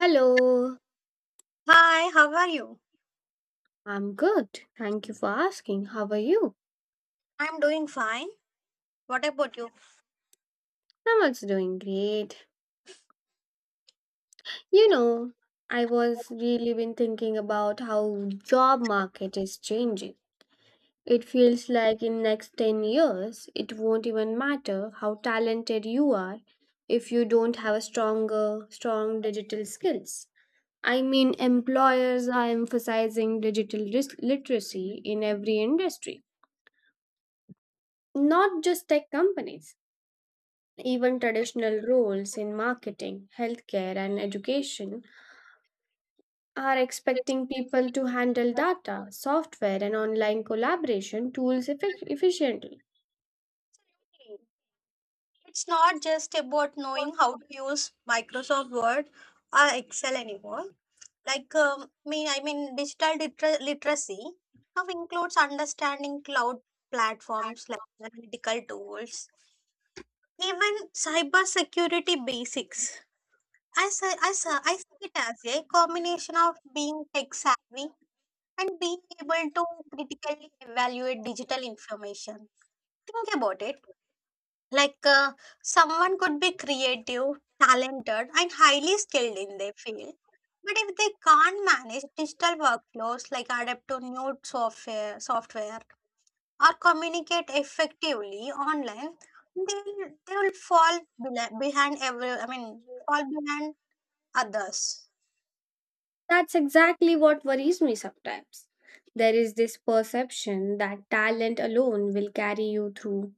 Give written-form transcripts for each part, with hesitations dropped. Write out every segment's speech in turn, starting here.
Hello, Hi, how are you? I'm good. Thank you for asking. How are you? I'm doing fine. What about you? I'm also doing great. You know, I was really been thinking about how job market is changing. It feels like in next 10 years, it won't even matter how talented you are if you don't have a strong digital skills. Employers are emphasizing literacy in every industry, not just tech companies. Even traditional roles in marketing, healthcare, and education are expecting people to handle data, software, and online collaboration tools efficiently. Absolutely. It's not just about knowing how to use Microsoft Word or Excel anymore. I mean, digital literacy now includes understanding cloud platforms like analytical tools, even cybersecurity basics. I see it as a combination of being tech savvy and being able to critically evaluate digital information. Think about it. Like uh, Someone could be creative, talented, and highly skilled in their field. But if they can't manage digital workflows like adapt to new software or communicate effectively online, they will fall bela- behind every, I mean, fall behind others. That's exactly what worries me sometimes. There is this perception that talent alone will carry you through,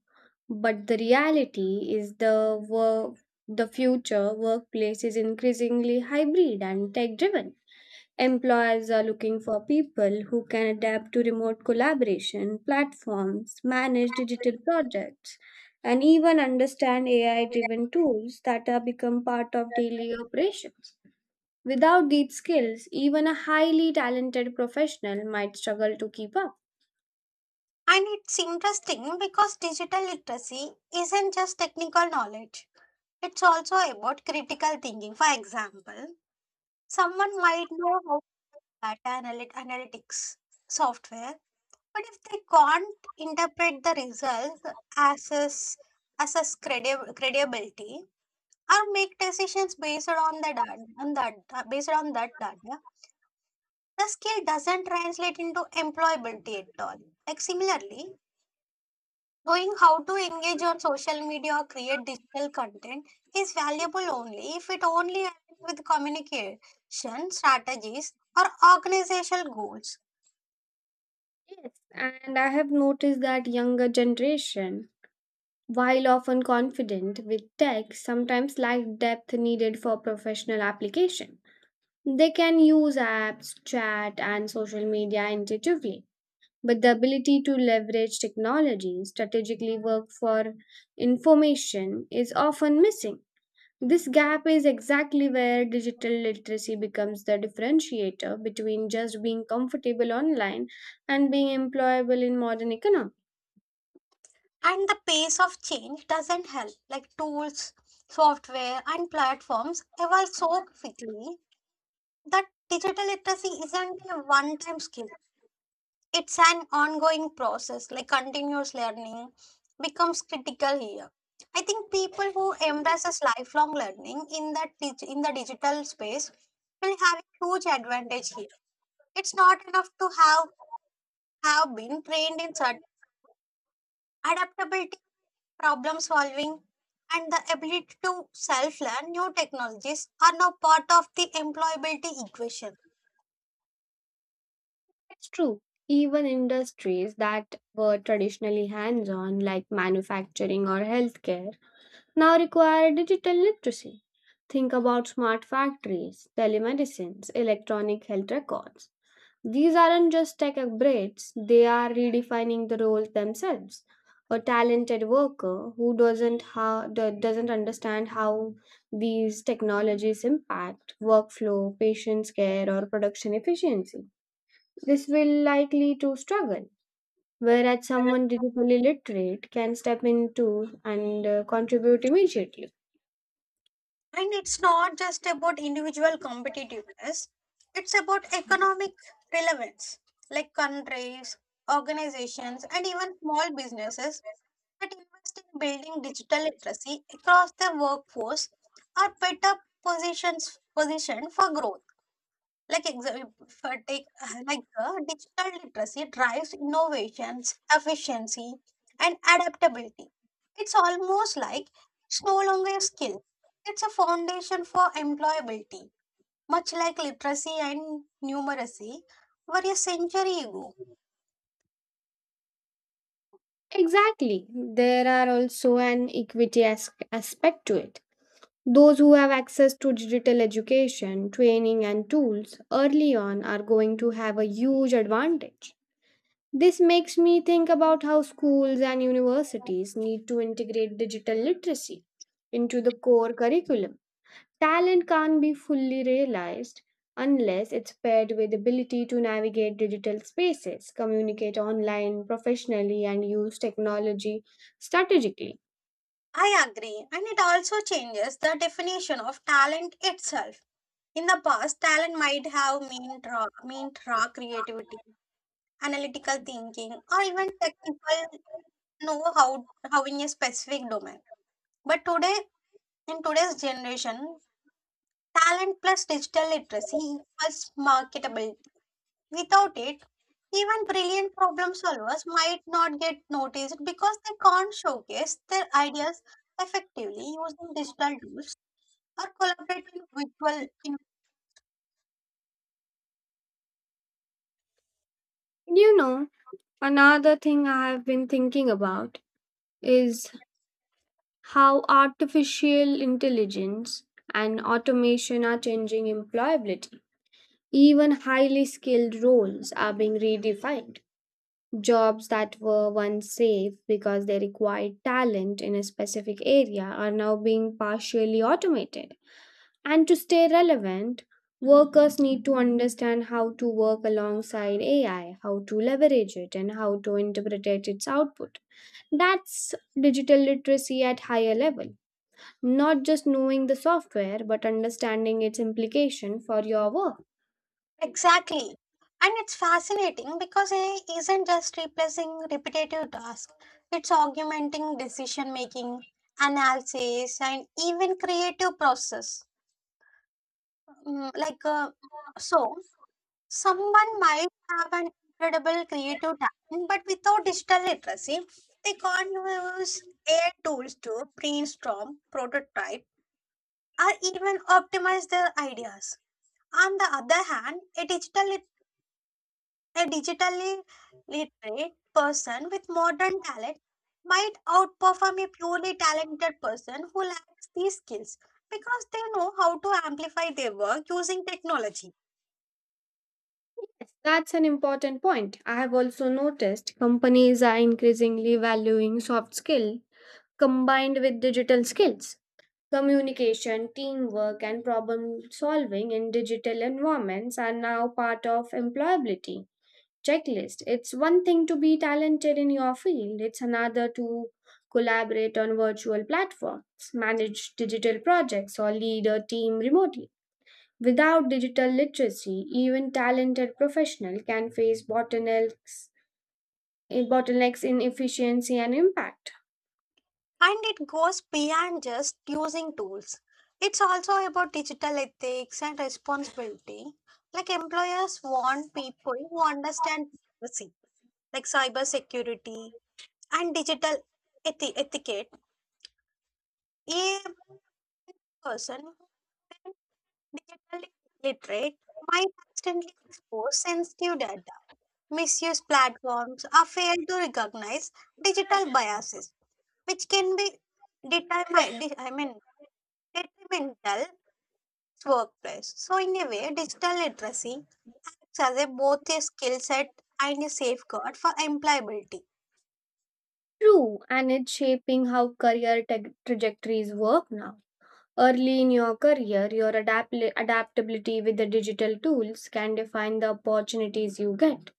but the reality is the future workplace is increasingly hybrid and tech driven. Employers are looking for people who can adapt to remote collaboration platforms, manage digital projects, and even understand AI driven tools that have become part of daily operations. Without these skills, even a highly talented professional might struggle to keep up. And it's interesting because digital literacy isn't just technical knowledge, it's also about critical thinking. For example, someone might know how data analytics software, but if they can't interpret the results, assess, assess credibility, or make decisions based on the data, on that, based on that data, the skill doesn't translate into employability at all. Like similarly, knowing how to engage on social media or create digital content is valuable only if it only aligns with communication strategies or organizational goals. Yes, and I have noticed that younger generation, while often confident with tech, sometimes lack depth needed for professional application. They can use apps, chat, and social media intuitively, but the ability to leverage technology strategically work for information is often missing. This gap is exactly where digital literacy becomes the differentiator between just being comfortable online and being employable in modern economy. And the pace of change doesn't help, like tools, software, and platforms evolve so quickly that digital literacy isn't a one time skill. It's an ongoing process, like continuous learning becomes critical here. I think people who embraces lifelong learning in the digital space will have a huge advantage here. It's not enough to have been trained in certain adaptability, problem solving, and the ability to self learn new technologies are now part of the employability equation. It's true. Even industries that were traditionally hands on, like manufacturing or healthcare, now require digital literacy. Think about smart factories, telemedicines, electronic health records. These aren't just tech upgrades, they are redefining the roles themselves. A talented worker who doesn't understand how these technologies impact workflow, patient care, or production efficiency. This will likely to struggle. Whereas someone digitally literate can step into and contribute immediately. And it's not just about individual competitiveness, it's about economic relevance, like countries, organizations, and even small businesses that invest in building digital literacy across their workforce are better positions positioned for growth. Like exa- for take like Digital literacy drives innovations, efficiency, and adaptability. It's almost like it's no longer a skill; it's a foundation for employability. Much like literacy and numeracy were a century ago. Exactly. There are also an aspect to it. Those who have access to digital education, training, and tools early on are going to have a huge advantage. This makes me think about how schools and universities need to integrate digital literacy into the core curriculum. Talent can't be fully realized unless it's paired with ability to navigate digital spaces, communicate online professionally and use technology strategically. I agree, and it also changes the definition of talent itself. In the past, talent might have meant raw creativity, analytical thinking, or even technical know how in a specific domain. But today, in today's generation, talent plus digital literacy equals marketability. Without it, even brilliant problem solvers might not get noticed because they can't showcase their ideas effectively using digital tools or collaborating virtual. You know, another thing I have been thinking about is how artificial intelligence and automation are changing employability. Even highly skilled roles are being redefined. Jobs that were once safe because they required talent in a specific area are now being partially automated. And to stay relevant, workers need to understand how to work alongside AI, how to leverage it, and how to interpret its output. That's digital literacy at higher level, not just knowing the software but understanding its implication for your work. Exactly. And it's fascinating because AI isn't just replacing repetitive tasks, it's augmenting decision making, analysis, and even creative process. Mm, Like, uh, so someone might have an incredible creative talent, but without digital literacy, they can't use AI tools to brainstorm, prototype, or even optimize their ideas. On the other hand, a digitally literate person with modern talent might outperform a purely talented person who lacks these skills because they know how to amplify their work using technology. That's an important point. I have also noticed companies are increasingly valuing soft skill combined with digital skills. Communication, teamwork, and problem solving in digital environments are now part of employability checklist. It's one thing to be talented in your field, it's another to collaborate on virtual platforms, manage digital projects, or lead a team remotely. Without digital literacy, even talented professionals can face bottlenecks, bottlenecks in efficiency and impact. And it goes beyond just using tools. It's also about digital ethics and responsibility. Like employers want people who understand privacy, like cybersecurity and digital etiquette. A person digitally literate might accidentally expose sensitive data, misuse platforms, or fail to recognize digital biases, which can be determined, I mean, detrimental to workplace. So, in a way, digital literacy acts as a, both a skill set and a safeguard for employability. True, and it's shaping how trajectories work now. Early in your career, your adaptability with the digital tools can define the opportunities you get.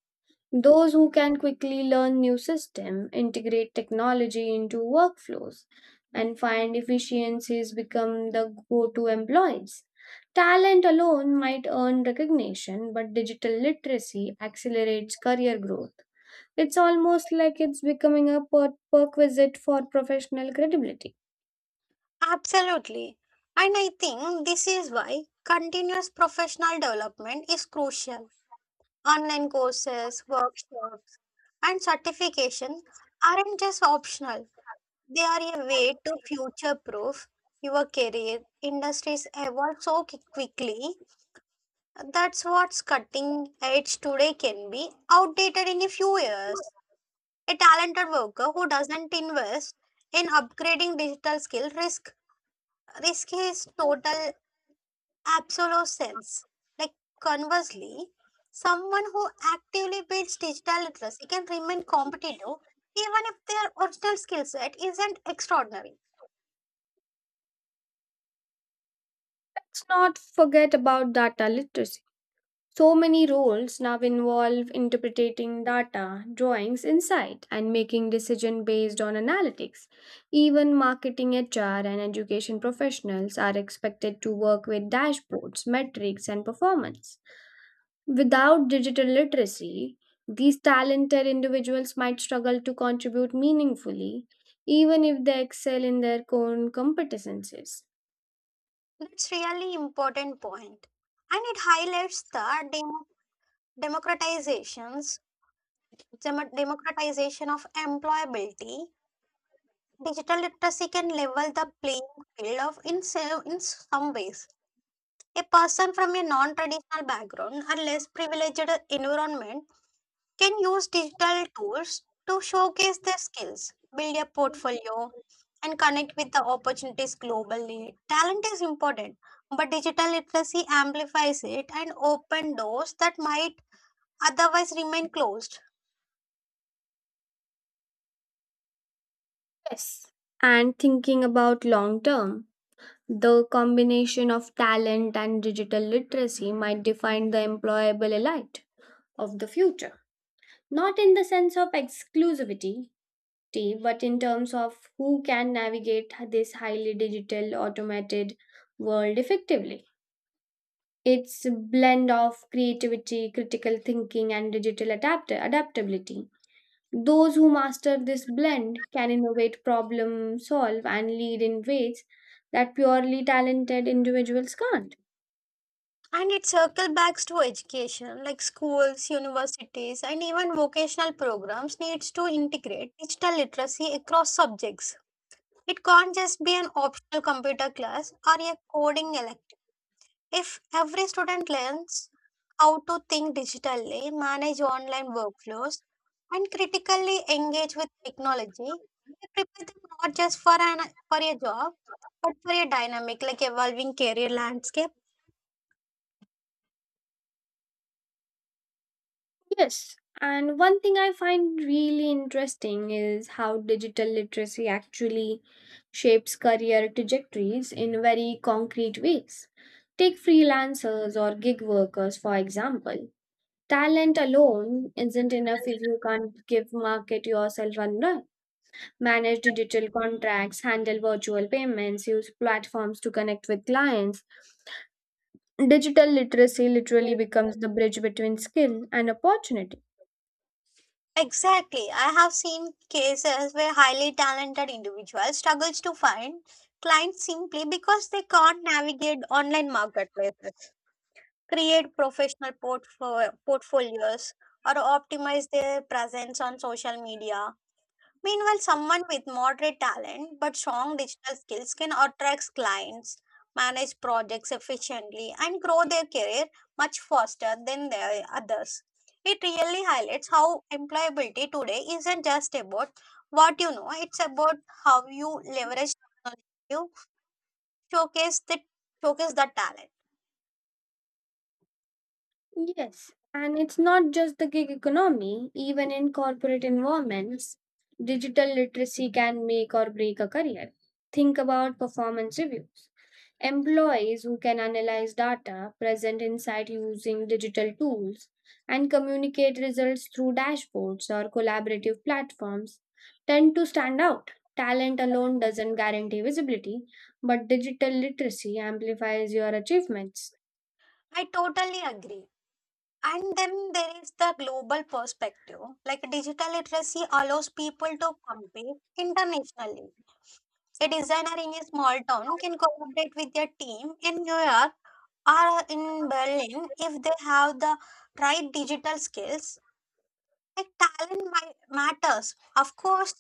Those who can quickly learn new system, integrate technology into workflows, and find efficiencies become the go-to employees. Talent alone might earn recognition, but digital literacy accelerates career growth. It's almost like it's becoming a perquisite for professional credibility. Absolutely. And I think this is why continuous professional development is crucial. Online courses, workshops, and certification aren't just optional, they are a way to future proof your career. Industries evolve so quickly. That's what's cutting edge today can be outdated in a few years. A talented worker who doesn't invest in upgrading digital skill risk risk his total absolute sense. Like conversely, someone who actively builds digital literacy can remain competitive even if their original skill set isn't extraordinary. Let's not forget about data literacy. So many roles now involve interpreting data, drawings insight, and making decision based on analytics. Even marketing, HR, and education professionals are expected to work with dashboards, metrics, and performance. Without digital literacy, these talented individuals might struggle to contribute meaningfully, even if they excel in their core competencies. That's really important point. And it highlights the democratizations, democratization of employability. Digital literacy can level the playing field in some ways. A person from a non-traditional background or less privileged environment can use digital tools to showcase their skills, build a portfolio, and connect with the opportunities globally. Talent is important, but digital literacy amplifies it and open doors that might otherwise remain closed. Yes. And thinking about long term, the combination of talent and digital literacy might define the employable elite of the future. Not in the sense of exclusivity, but in terms of who can navigate this highly digital, automated world effectively. It's a blend of creativity, critical thinking, and digital adaptability. Those who master this blend can innovate, problem solve, and lead in ways that purely talented individuals can't. And it circles back to education, like schools, universities, and even vocational programs needs to integrate digital literacy across subjects. It can't just be an optional computer class or a coding elective. If every student learns how to think digitally, manage online workflows, and critically engage with technology, it prepare them not just for an for a job, but for a dynamic, like evolving career landscape. Yes, and one thing I find really interesting is how digital literacy actually shapes career trajectories in very concrete ways. Take freelancers or gig workers, for example. Talent alone isn't enough if you can't give market yourself and run. Manage digital contracts, handle virtual payments, use platforms to connect with clients. Digital literacy literally becomes the bridge between skill and opportunity. Exactly. I have seen cases where highly talented individuals struggles to find clients simply because they can't navigate online marketplaces, create professional portfolios, or optimize their presence on social media. Meanwhile, someone with moderate talent but strong digital skills can attract clients, manage projects efficiently, and grow their career much faster than the others. It really highlights how employability today isn't just about what you know, it's about how you leverage you showcase the talent. Yes, and it's not just the gig economy, even in corporate environments, digital literacy can make or break a career. Think about performance reviews. Employees who can analyze data, present insight using digital tools, and communicate results through dashboards or collaborative platforms tend to stand out. Talent alone doesn't guarantee visibility, but digital literacy amplifies your achievements. I totally agree. And then there is the global perspective. Like digital literacy allows people to compete internationally. A designer in a small town can collaborate with their team in New York or in Berlin if they have the right digital skills like talent matters, of course,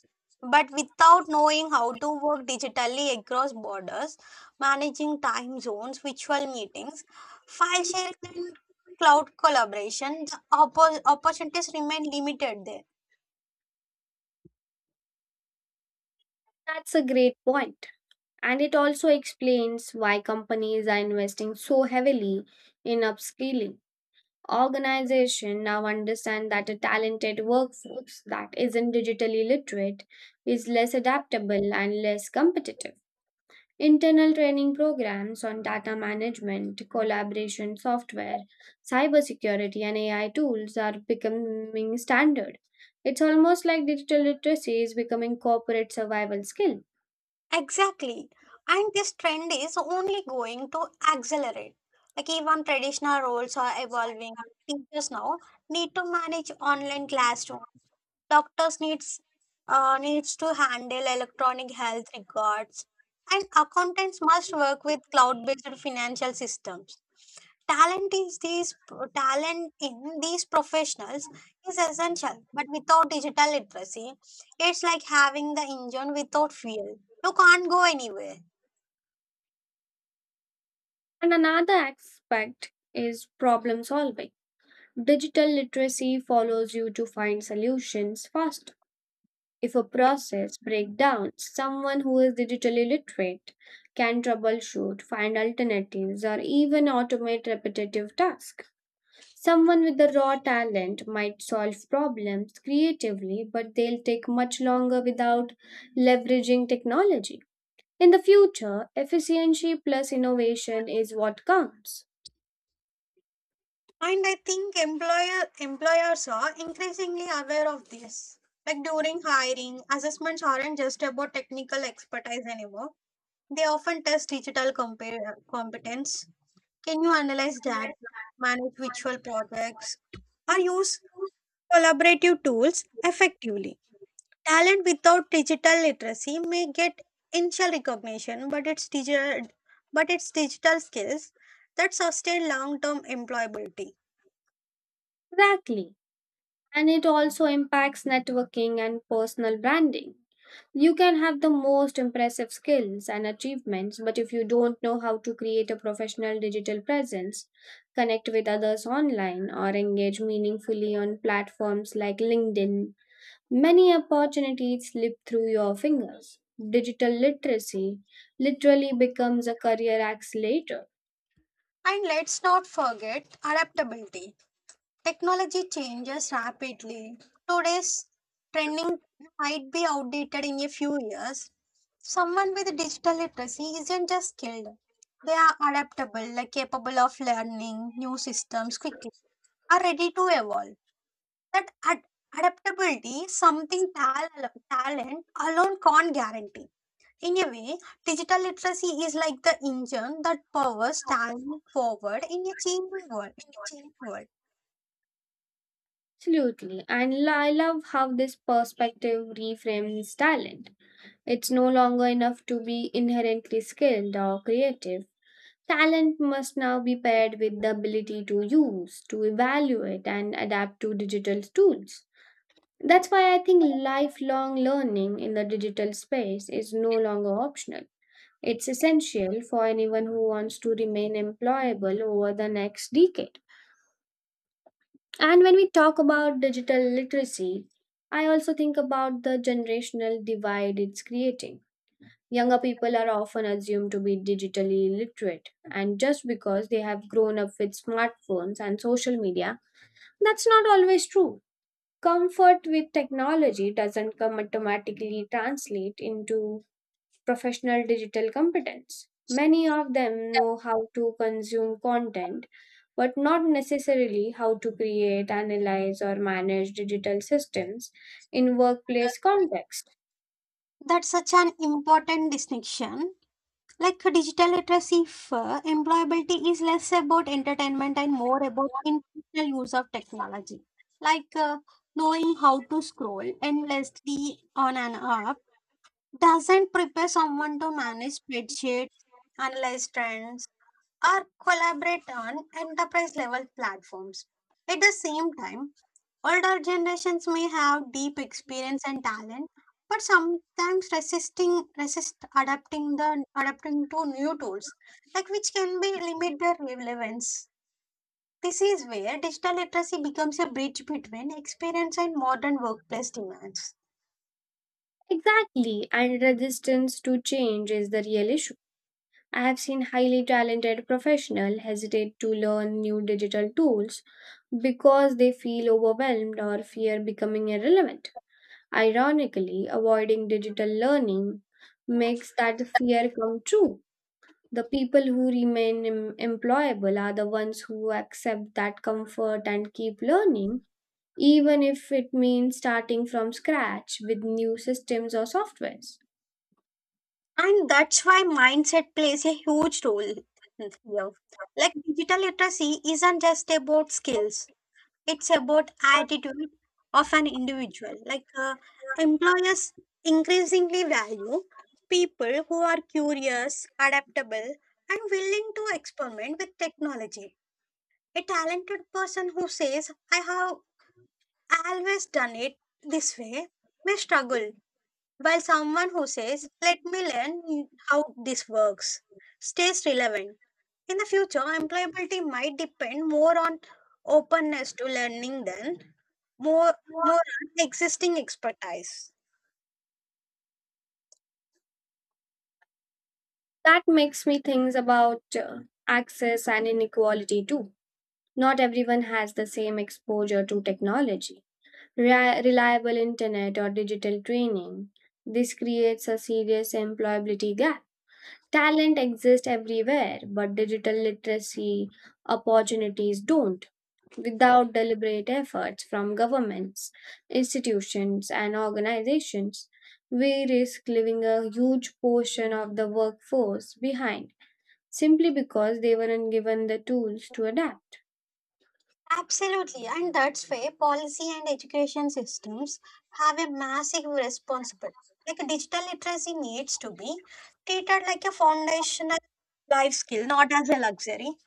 but without knowing how to work digitally across borders, managing time zones, virtual meetings, file sharing, and cloud collaboration, the opportunities remain limited there. That's a great point. And it also explains why companies are investing so heavily in upskilling. Organizations now understand that a talented workforce that isn't digitally literate is less adaptable and less competitive. Internal training programs on data management, collaboration software, cybersecurity, and AI tools are becoming standard. It's almost like digital literacy is becoming corporate survival skill. Exactly. And this trend is only going to accelerate. Like even traditional roles are evolving. Teachers now need to manage online classrooms, doctors needs to handle electronic health records, and accountants must work with cloud-based financial systems. talent is these Talent in these professionals is essential, but without digital literacy it's like having the engine without fuel, you can't go anywhere. And another aspect is problem solving. Digital literacy follows you to find solutions faster. If a process breaks down, someone who is digitally literate can troubleshoot, find alternatives, or even automate repetitive tasks. Someone with the raw talent might solve problems creatively, but they'll take much longer without leveraging technology. In the future, efficiency plus innovation is what counts. And i think employer employers are increasingly aware of this, like during hiring assessments aren't just about technical expertise anymore. They often test digital competence. Can you analyze data, manage virtual projects, or use collaborative tools effectively? Talent without digital literacy may get initial recognition, but it's digital skills that sustain long-term employability. Exactly. And it also impacts networking and personal branding. You can have the most impressive skills and achievements, but if you don't know how to create a professional digital presence, connect with others online, or engage meaningfully on platforms like LinkedIn, many opportunities slip through your fingers. Digital literacy literally becomes a career accelerator. And let's not forget adaptability. Technology changes rapidly. Today's trending might be outdated in a few years. Someone with digital literacy isn't just skilled, they are adaptable, like capable of learning new systems quickly, are ready to evolve. That ad- Adaptability is something talent alone can't guarantee. In a way, digital literacy is like the engine that powers talent forward in a changing world. In a changing world. Absolutely. And I love how this perspective reframes talent. It's no longer enough to be inherently skilled or creative. Talent must now be paired with the ability to use, to evaluate, and adapt to digital tools. That's why I think lifelong learning in the digital space is no longer optional. It's essential for anyone who wants to remain employable over the next decade. And when we talk about digital literacy, I also think about the generational divide it's creating. Younger people are often assumed to be digitally illiterate, and just because they have grown up with smartphones and social media, that's not always true. Comfort with technology doesn't come automatically translate into professional digital competence. Many of them know how to consume content, but not necessarily how to create, analyze, or manage digital systems in workplace contexts. That's such an important distinction. Like digital literacy for employability is less about entertainment and more about intentional use of technology. Like uh, Knowing how to scroll endlessly on an app doesn't prepare someone to manage spreadsheets, analyze trends, or collaborate on enterprise level platforms. At the same time, older generations may have deep experience and talent, but sometimes resist adapting to new tools, like which can be limit their relevance. This is where digital literacy becomes a bridge between experience and modern workplace demands. Exactly, and resistance to change is the real issue. I have seen highly talented professionals hesitate to learn new digital tools because they feel overwhelmed or fear becoming irrelevant. Ironically, avoiding digital learning makes that fear come true. The people who remain employable are the ones who accept that comfort and keep learning, even if it means starting from scratch with new systems or softwares. And that's why mindset plays a huge role here. Like digital literacy isn't just about skills, it's about attitude of an individual, employers increasingly value people who are curious, adaptable, and willing to experiment with technology. A talented person who says I have always done it this way may struggle, while someone who says let me learn how this works stays relevant. In the future, employability might depend more on openness to learning than more more on existing expertise. That makes me think about access and inequality too. Not everyone has the same exposure to technology, reliable internet, or digital training. This creates a serious employability gap. Talent exists everywhere, but digital literacy opportunities don't. Without deliberate efforts from governments, institutions, and organizations, we risk leaving a huge portion of the workforce behind simply because they weren't given the tools to adapt. Absolutely, and that's why policy and education systems have a massive responsibility. Like digital literacy needs to be treated like a foundational life skill, not as a luxury.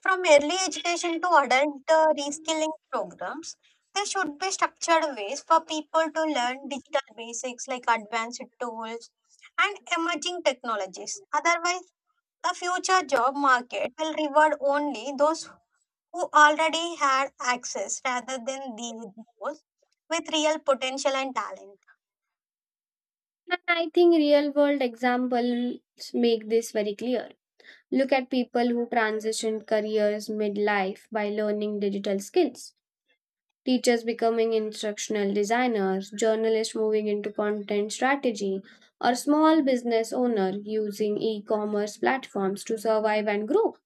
From early education to adult reskilling programs, there should be structured ways for people to learn digital basics like advanced tools and emerging technologies. Otherwise, the future job market will reward only those who already had access rather than those with real potential and talent. And I think real world examples make this very clear. Look at people who transitioned careers midlife by learning digital skills. Teachers becoming instructional designers, journalists moving into content strategy, or small business owner using e-commerce platforms to survive and grow.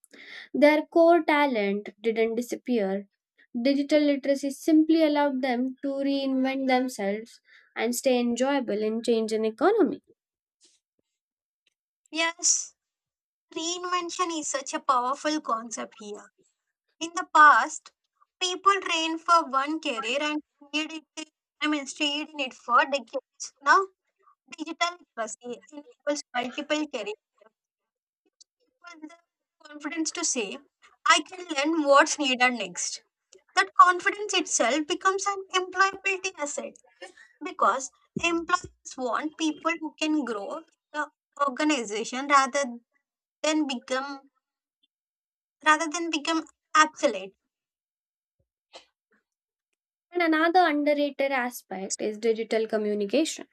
Their core talent didn't disappear. Digital literacy simply allowed them to reinvent themselves and stay enjoyable in changing economy. Yes, reinvention is such a powerful concept here. In the past, people trained for one career and stayed in it for decades. Now, digital literacy enables multiple careers. People the confidence to say, I can learn what's needed next. That confidence itself becomes an employability asset because employers want people who can grow the organization than become rather than become obsolete. And another underrated aspect is digital communication.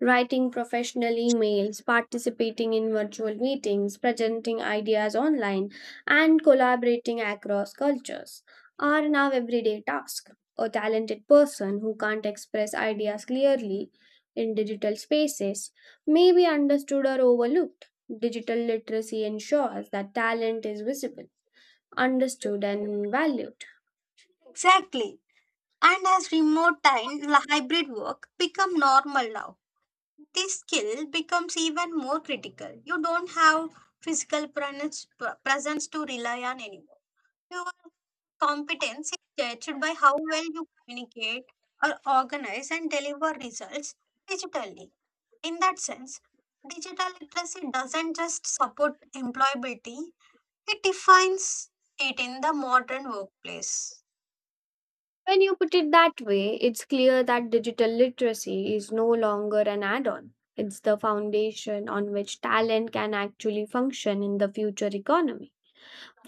Writing professional emails, participating in virtual meetings, presenting ideas online, and collaborating across cultures are now everyday tasks. A talented person who can't express ideas clearly in digital spaces may be understood or overlooked. Digital literacy ensures that talent is visible, understood, and valued. Exactly. And as remote and hybrid work become normal now, this skill becomes even more critical. You don't have physical presence to rely on anymore. Your competence is judged by how well you communicate or organize and deliver results digitally. In that sense, digital literacy doesn't just support employability, it defines it in the modern workplace. When you put it that way, it's clear that digital literacy is no longer an add on. It's the foundation on which talent can actually function in the future economy.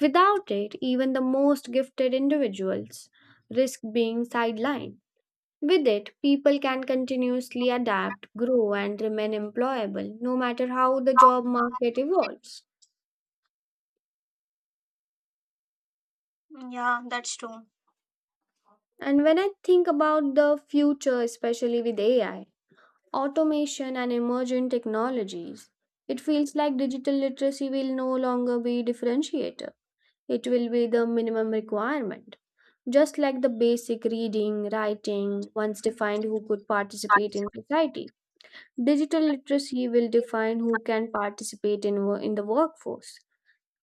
Without it, even the most gifted individuals risk being sidelined. With it, people can continuously adapt, grow, and remain employable no matter how the job market evolves. Yeah, that's true. And when I think about the future, especially with AI, automation, and emergent technologies. It feels like digital literacy will no longer be differentiator. It will be the minimum requirement. Just like the basic reading, writing once defined who could participate in society, digital literacy will define who can participate in, in the workforce.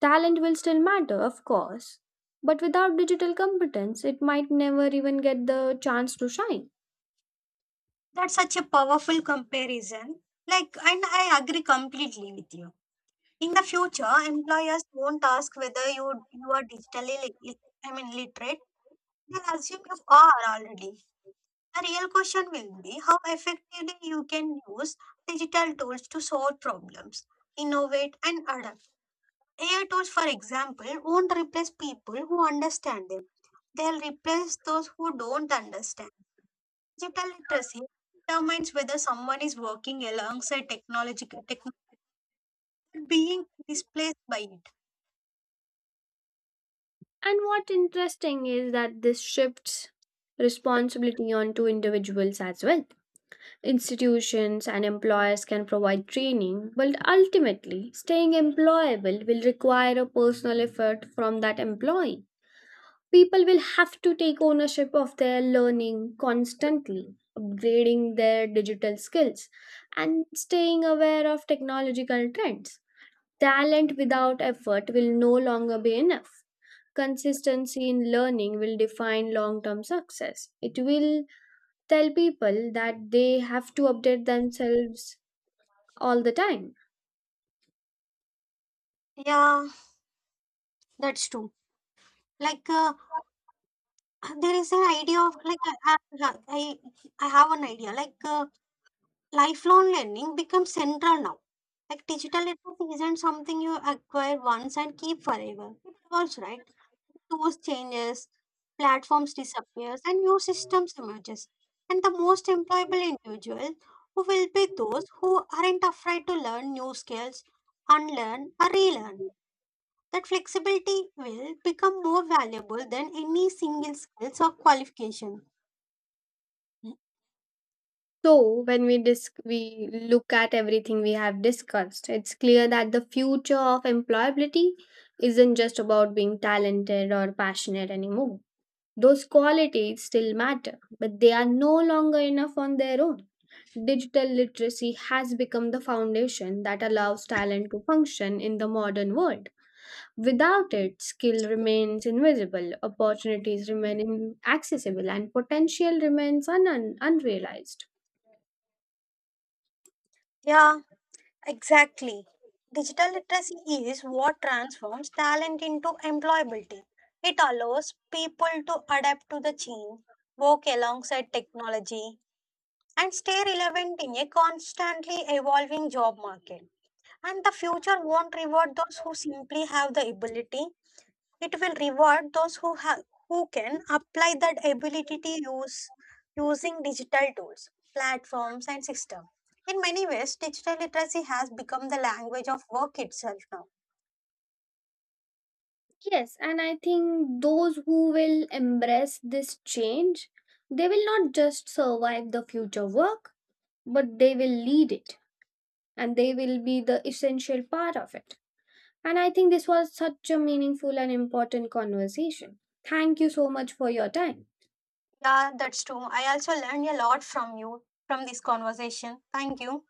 Talent will still matter, of course, but without digital competence, it might never even get the chance to shine. That's such a powerful comparison. Like, and I agree completely with you. In the future, employers won't ask whether you you are digitally, lit- lit- I mean, literate. They'll assume you are already. The real question will be how effectively you can use digital tools to solve problems, innovate, and adapt. AI tools, for example, won't replace people who understand them. They'll replace those who don't understand. Digital literacy determines whether someone is working alongside technology, being displaced by it. And what interesting is that this shifts responsibility onto individuals as well. Institutions and employers can provide training, but ultimately, staying employable will require a personal effort from that employee. People will have to take ownership of their learning constantly, upgrading their digital skills, and staying aware of technological trends. Talent without effort will no longer be enough. Consistency in learning will define long term success. It will tell people that they have to update themselves all the time. Yeah, that's true. Like uh, there is an idea of like I I I have an idea Lifelong learning becomes central now. Like digital literacy isn't something you acquire once and keep forever. It evolves, right? Tools changes, platforms disappears, and new systems emerges. And the most employable individuals who will be those who aren't afraid to learn new skills, unlearn or relearn. That flexibility will become more valuable than any single skills or qualification. So, when we look at everything we have discussed, it's clear that the future of employability isn't just about being talented or passionate anymore. Those qualities still matter, but they are no longer enough on their own. Digital literacy has become the foundation that allows talent to function in the modern world. Without it, skill remains invisible, opportunities remain inaccessible, and potential remains unrealized. Yeah. Exactly. Digital literacy is what transforms talent into employability. It allows people to adapt to the change, work alongside technology, and stay relevant in a constantly evolving job market. And the future won't reward those who simply have the ability, it will reward those who can apply that ability to use using digital tools, platforms, and system. In many ways, digital literacy has become the language of work itself now. Yes, and I think those who will embrace this change, they will not just survive the future work, but they will lead it. And they will be the essential part of it. And I think this was such a meaningful and important conversation. Thank you so much for your time. Yeah, that's true. I also learned a lot from you from this conversation. Thank you.